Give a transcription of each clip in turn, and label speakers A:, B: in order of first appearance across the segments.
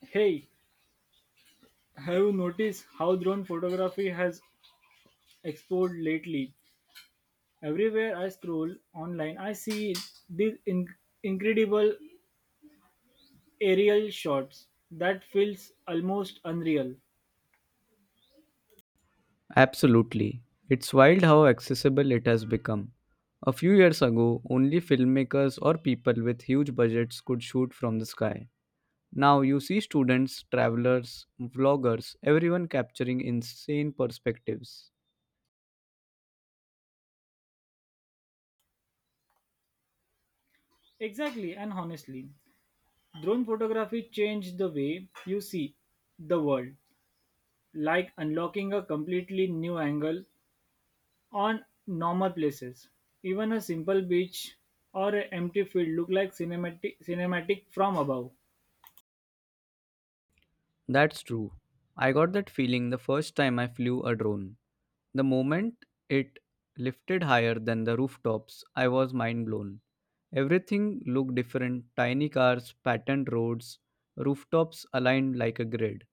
A: Hey, have you noticed how drone photography has exploded lately? Everywhere I scroll online, I see these incredible aerial shots that feels almost unreal.
B: Absolutely. It's wild how accessible it has become. A few years ago, only filmmakers or people with huge budgets could shoot from the sky. Now you see students, travelers, vloggers, everyone capturing insane perspectives.
A: Exactly, and honestly, drone photography changed the way you see the world, like unlocking a completely new angle on normal places. Even a simple beach or an empty field look like cinematic from above.
B: That's true. I got that feeling the first time I flew a drone. The moment it lifted higher than the rooftops, I was mind blown. Everything looked different tiny cars, patterned roads, rooftops aligned like a grid.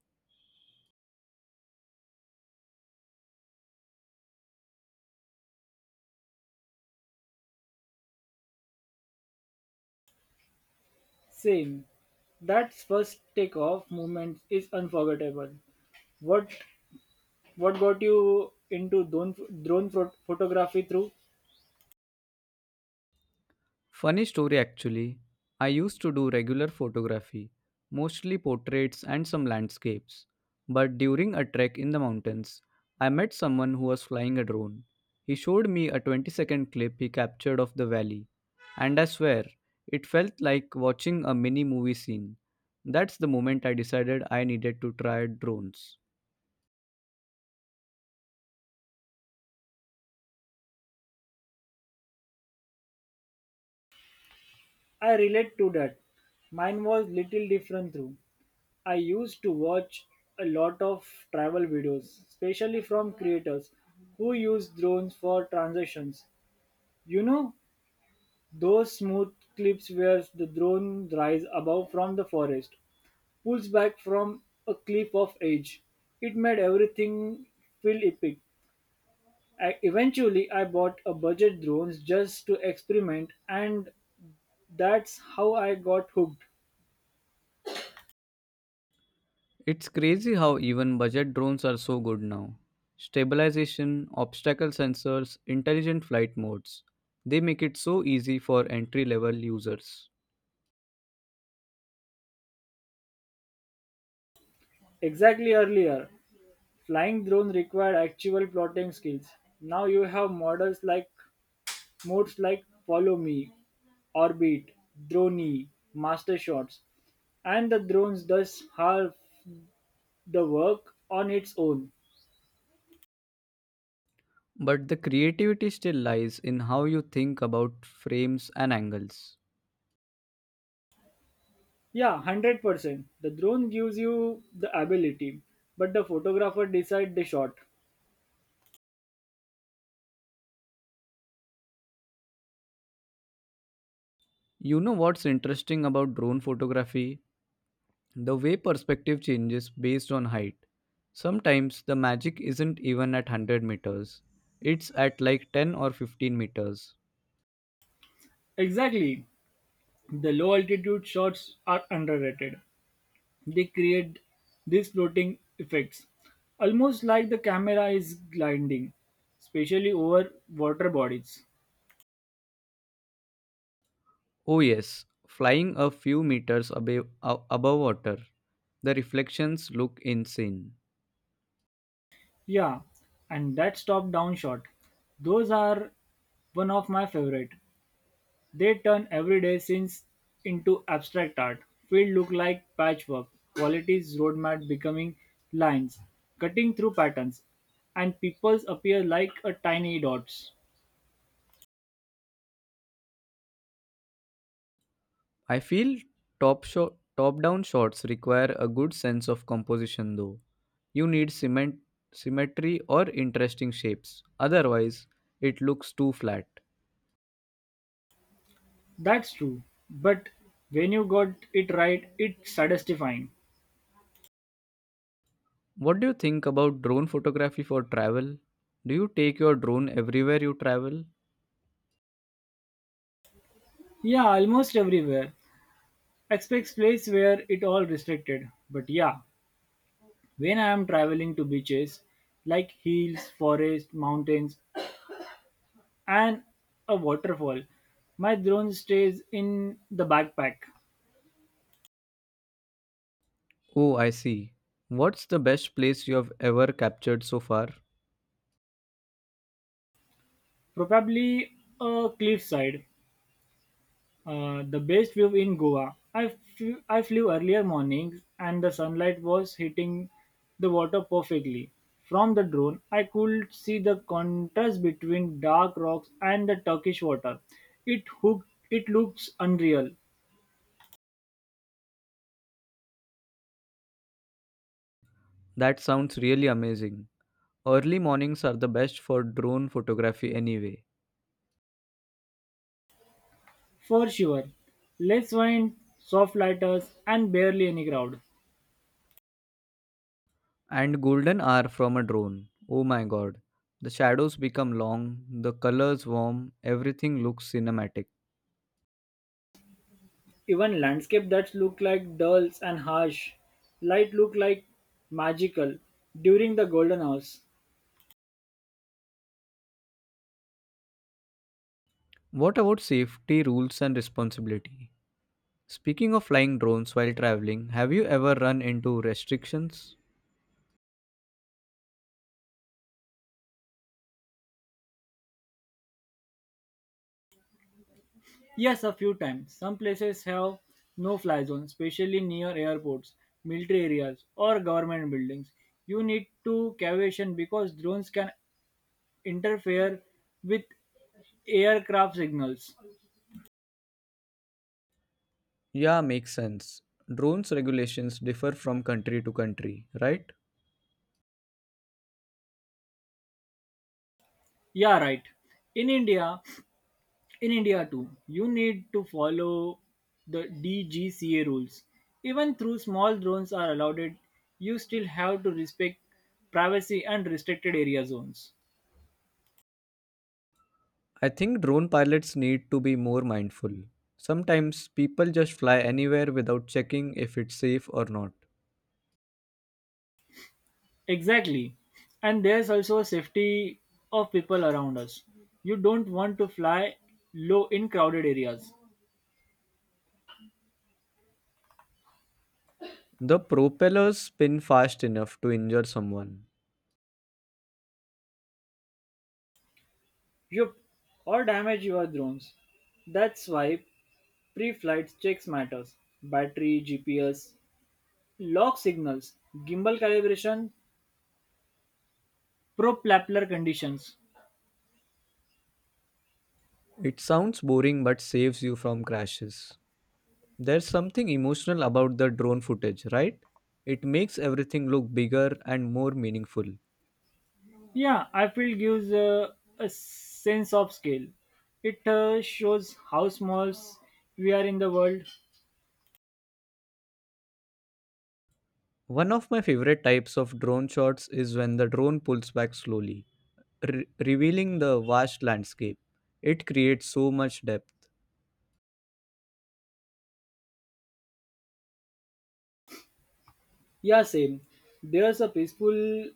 A: Same. That first takeoff moment is unforgettable. What what got you into drone photography through?
B: Funny story actually. I used to do regular photography, mostly portraits and some landscapes. But during a trek in the mountains, I met someone who was flying a drone. He showed me a 20-second clip he captured of the valley, and I swear, it felt like watching a mini movie scene. That's the moment I decided I needed to try drones.
A: I relate to that. Mine was little different through. I used to watch a lot of travel videos, especially from creators who use drones for transitions. You know, those smooth clips where the drone rise above from the forest, pulls back from a cliff of age. It made everything feel epic. Eventually, I bought a budget drones just to experiment, and that's how I got hooked.
B: It's crazy how even budget drones are so good now. Stabilization, obstacle sensors, intelligent flight modes. They make it so easy for entry level users.
A: Exactly earlier, flying drone required actual plotting skills. Now you have models like modes like Follow Me, Orbit, Drone, Master Shots, and the drones does half the work on its own.
B: But the creativity still lies in how you think about frames and angles.
A: Yeah, 100%. The drone gives you the ability, but the photographer decides the shot.
B: You know what's interesting about drone photography? The way perspective changes based on height. Sometimes the magic isn't even at 100 meters, it's at like 10 or 15 meters.
A: Exactly. The low altitude shots are underrated. They create these floating effects, almost like the camera is gliding, especially over water bodies.
B: Oh, yes, flying a few meters above water, the reflections look insane.
A: Yeah, and that stop down shot. Those are one of my favorite. They turn everyday scenes into abstract art. Fields look like patchwork, qualities roadmap becoming lines, cutting through patterns, and peoples appear like a tiny dots.
B: I feel top down shots require a good sense of composition though. You need cement, symmetry or interesting shapes, otherwise, it looks too flat.
A: That's true, but when you got it right, it's satisfying.
B: What do you think about drone photography for travel? Do you take your drone everywhere you travel?
A: Yeah, almost everywhere. Expects place where it all restricted. But yeah, when I am traveling to beaches, like hills, forest, mountains, and a waterfall. My drone stays in the backpack,
B: Oh, I see. What's the best place you have ever captured so far?
A: probably a cliffside, the best view in Goa. I flew earlier mornings and the sunlight was hitting the water perfectly. From the drone, I could see the contrast between dark rocks and the Turkish water. It hooked, it looks unreal,
B: That sounds really amazing. Early mornings are the best for drone photography anyway.
A: for sure. Less wind, soft lighters, and barely any crowd.
B: And golden hour from a drone. Oh my god. The shadows become long, the colors warm, everything looks cinematic.
A: Even landscape that look like dull and harsh light look like magical during the golden hours.
B: What about safety rules and responsibility? Speaking of flying drones while traveling, have you ever run into restrictions?
A: Yes, a few times. Some places have no fly zones, especially near airports, military areas, or government buildings. You need to caution because drones can interfere with aircraft signals.
B: Yeah, makes sense. Drones regulations differ from country to country, right?
A: Yeah, right. In India, In India too, you need to follow the DGCA rules. Even though small drones are allowed, you still have to respect privacy and restricted area zones.
B: I think drone pilots need to be more mindful. Sometimes people just fly anywhere without checking if it's safe or not.
A: Exactly. And there's also safety of people around us. You don't want to fly low in crowded areas.
B: The propellers spin fast enough to injure someone.
A: Yup, or damage your drones. That's why pre-flight checks matters. Battery, GPS, lock signals, gimbal calibration, pro conditions.
B: It sounds boring but saves you from crashes. There's something emotional about the drone footage, right? It makes everything look bigger and more meaningful.
A: Yeah, I feel gives a sense of scale. It shows how small we are in the world.
B: One of my favorite types of drone shots is when the drone pulls back slowly, revealing the vast landscape. It creates so much depth.
A: Yeah, same. There's a peaceful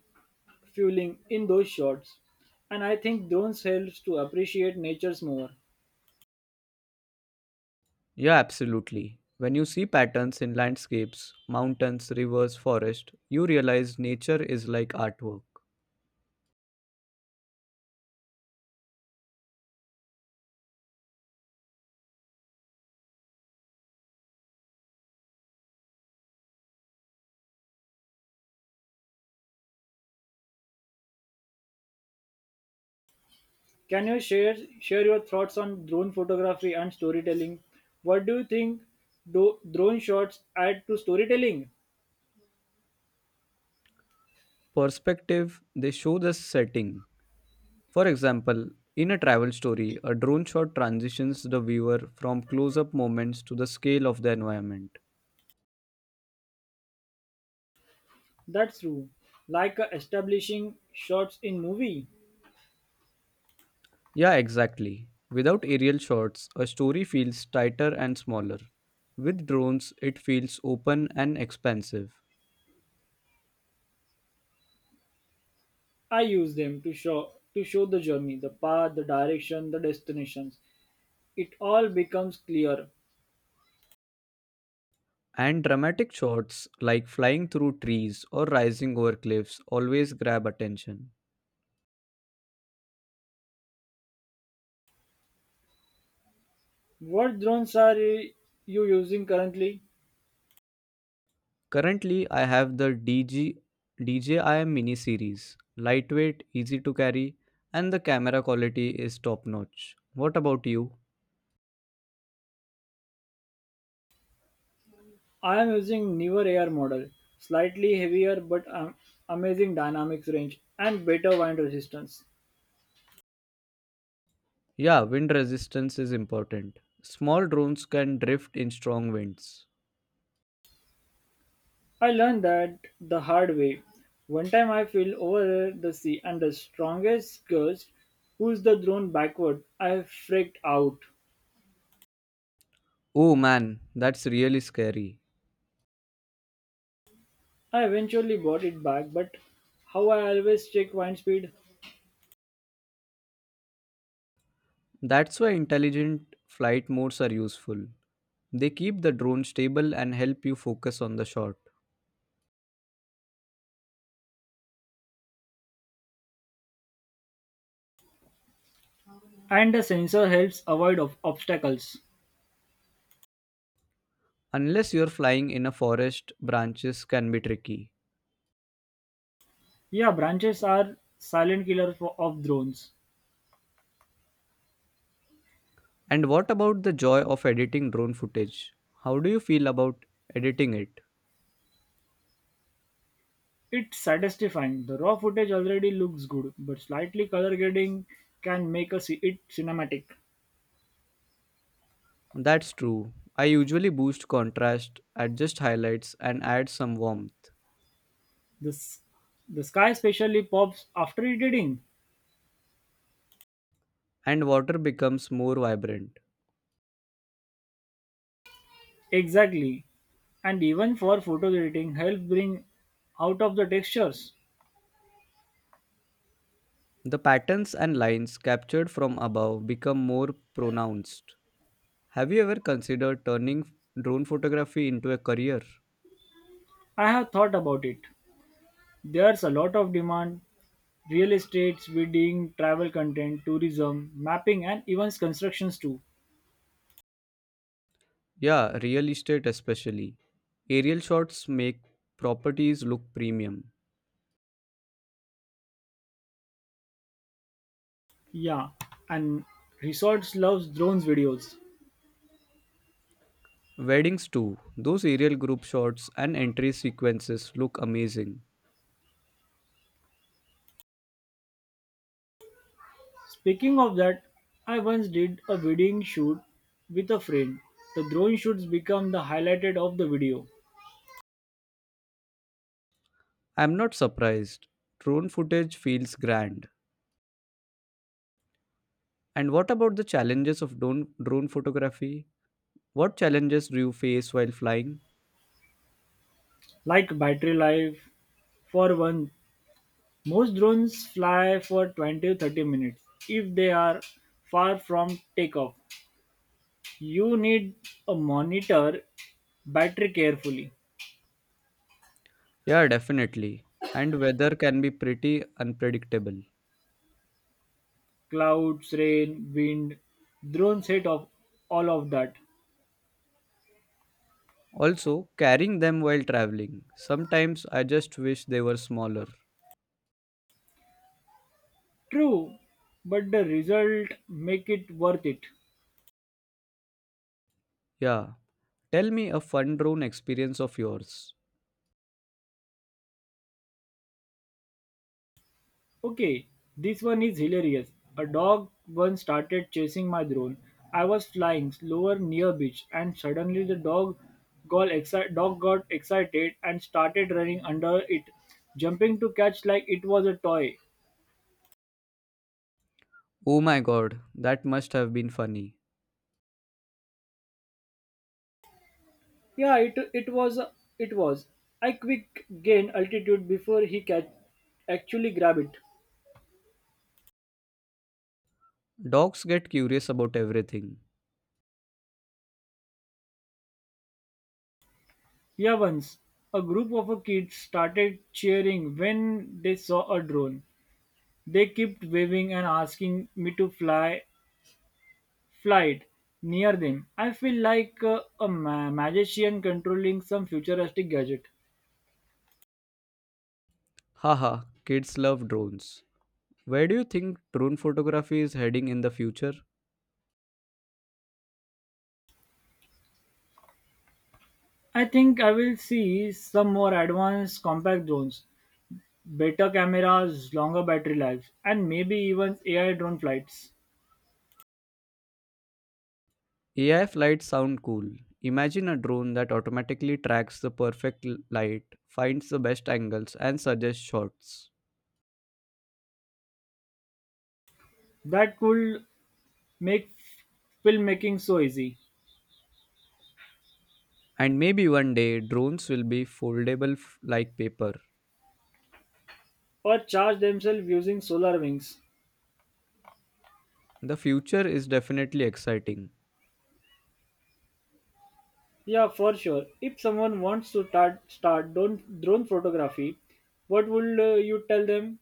A: feeling in those shots, and I think drones helps to appreciate nature's more.
B: Yeah, absolutely. When you see patterns in landscapes, mountains, rivers, forest, you realize nature is like artwork.
A: Can you share your thoughts on drone photography and storytelling? What do you think do drone shots add to storytelling?
B: Perspective, they show the setting. For example, in a travel story, a drone shot transitions the viewer from close up moments to the scale of the environment.
A: That's true. Like establishing shots in movie.
B: Yeah, exactly. Without aerial shots, a story feels tighter and smaller. With drones, it feels open and expansive.
A: I use them to show the journey, the path, the direction, the destinations. It all becomes clear.
B: And dramatic shots like flying through trees or rising over cliffs always grab attention.
A: What drones are you using currently?
B: Currently, I have the DJI mini series, lightweight, easy to carry, and the camera quality is top notch. What about you?
A: I am using newer air model, slightly heavier but amazing dynamics range and better wind resistance.
B: Yeah, wind resistance is important. Small drones can drift in strong winds.
A: I learned that the hard way. One time I fell over the sea and the strongest gust pushed the drone backward. I freaked out.
B: Oh man, that's really scary.
A: I eventually bought it back, but how I always check wind speed
B: That's why intelligent flight modes are useful. They keep the drone stable and help you focus on the shot.
A: and the sensor helps avoid of obstacles.
B: Unless you're flying in a forest, branches can be tricky.
A: Yeah, branches are silent killers for, of drones.
B: And what about the joy of editing drone footage? How do you feel about editing it?
A: It's satisfying. The raw footage already looks good, but slightly color grading can make it cinematic.
B: That's true. I usually boost contrast, adjust highlights, and add some warmth,
A: This the sky especially pops after editing.
B: and water becomes more vibrant.
A: Exactly. And even for photo editing help bring out of the textures.
B: The patterns and lines captured from above become more pronounced. Have you ever considered turning drone photography into a career?
A: I have thought about it. There's a lot of demand real estate, wedding, travel content, tourism, mapping, and even constructions too.
B: Yeah, real estate especially. Aerial shots make properties look premium.
A: Yeah, and resorts loves drones videos.
B: Weddings too. Those aerial group shots and entry sequences look amazing.
A: Speaking of that, I once did a wedding shoot with a friend. The drone shoots become the highlighted of the video,
B: I'm not surprised. Drone footage feels grand. And what about the challenges of drone photography? What challenges do you face while flying?
A: like battery life. For one, most drones fly for 20 to 30 minutes if they are far from takeoff. You need a monitor battery carefully.
B: Yeah, definitely. And weather can be pretty unpredictable.
A: Clouds, rain, wind, drones hate of all of that.
B: Also, carrying them while traveling. Sometimes I just wish they were smaller.
A: True, but the result make it worth it.
B: Yeah, tell me a fun drone experience of yours.
A: Okay, this one is hilarious. A dog once started chasing my drone. I was flying slower near beach and suddenly the dog got excited and started running under it, jumping to catch like it was a toy.
B: Oh my god, that must have been funny.
A: Yeah, it was. I quick gained altitude before he catch actually grab it.
B: Dogs get curious about everything.
A: Yeah, once a group of kids started cheering when they saw a drone. They kept waving and asking me to fly it near them. I feel like a magician controlling some futuristic gadget.
B: Haha, kids love drones. Where do you think drone photography is heading in the future?
A: I think I will see some more advanced compact drones, better cameras, longer battery lives, and maybe even AI drone flights.
B: AI flights sound cool. Imagine a drone that automatically tracks the perfect light, finds the best angles, and suggests shots.
A: That could make filmmaking so easy,
B: And maybe one day drones will be foldable like paper.
A: or charge themselves using solar wings.
B: The future is definitely exciting.
A: Yeah, for sure. If someone wants to start drone photography, what would you tell them?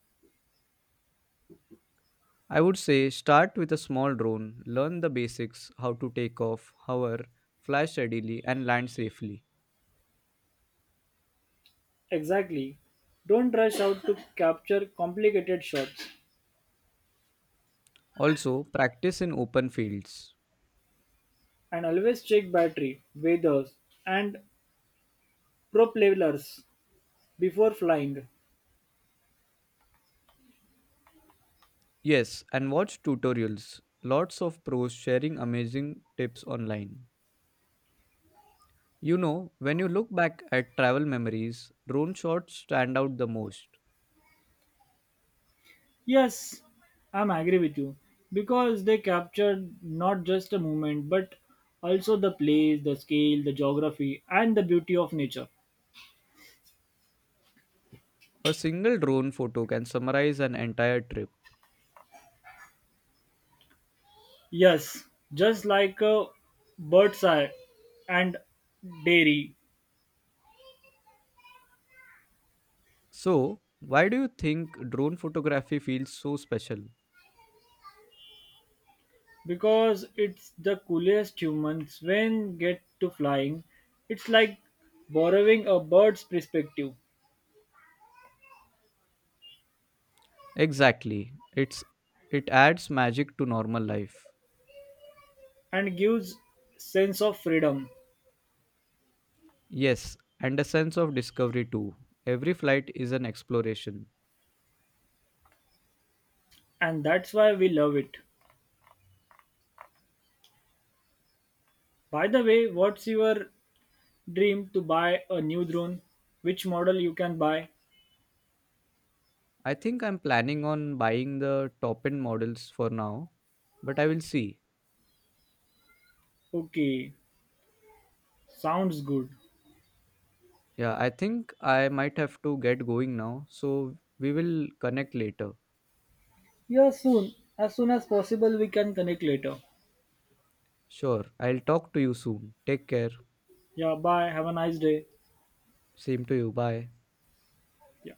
B: I would say start with a small drone, learn the basics, how to take off, hover, fly steadily, and land safely.
A: Exactly. Don't rush out to capture complicated shots
B: Also, practice in open fields.
A: and always check battery, weathers and propellers before flying.
B: Yes, and watch tutorials. Lots of pros sharing amazing tips online. You know, when you look back at travel memories, drone shots stand out the most.
A: Yes, I'm agree with you because they captured not just a moment but also the place, the scale, the geography and the beauty of nature.
B: A single drone photo can summarize an entire trip.
A: Yes, just like a bird's eye and dairy,
B: So, why do you think drone photography feels so special?
A: because it's the coolest humans when get to flying. It's like borrowing a bird's perspective
B: Exactly. It adds magic to normal life.
A: and gives sense of freedom,
B: Yes, and a sense of discovery too. Every flight is an exploration.
A: and that's why we love it. By the way, what's your dream to buy a new drone? Which model you can buy?
B: I think I'm planning on buying the top-end models for now, but I will see.
A: Okay, sounds good.
B: Yeah, I think I might have to get going now, so we will connect later.
A: Yeah, soon. As soon as possible, we can connect later.
B: Sure. I'll talk to you soon. Take care.
A: Yeah, bye. Have a nice day.
B: Same to you. Bye.
A: Yeah.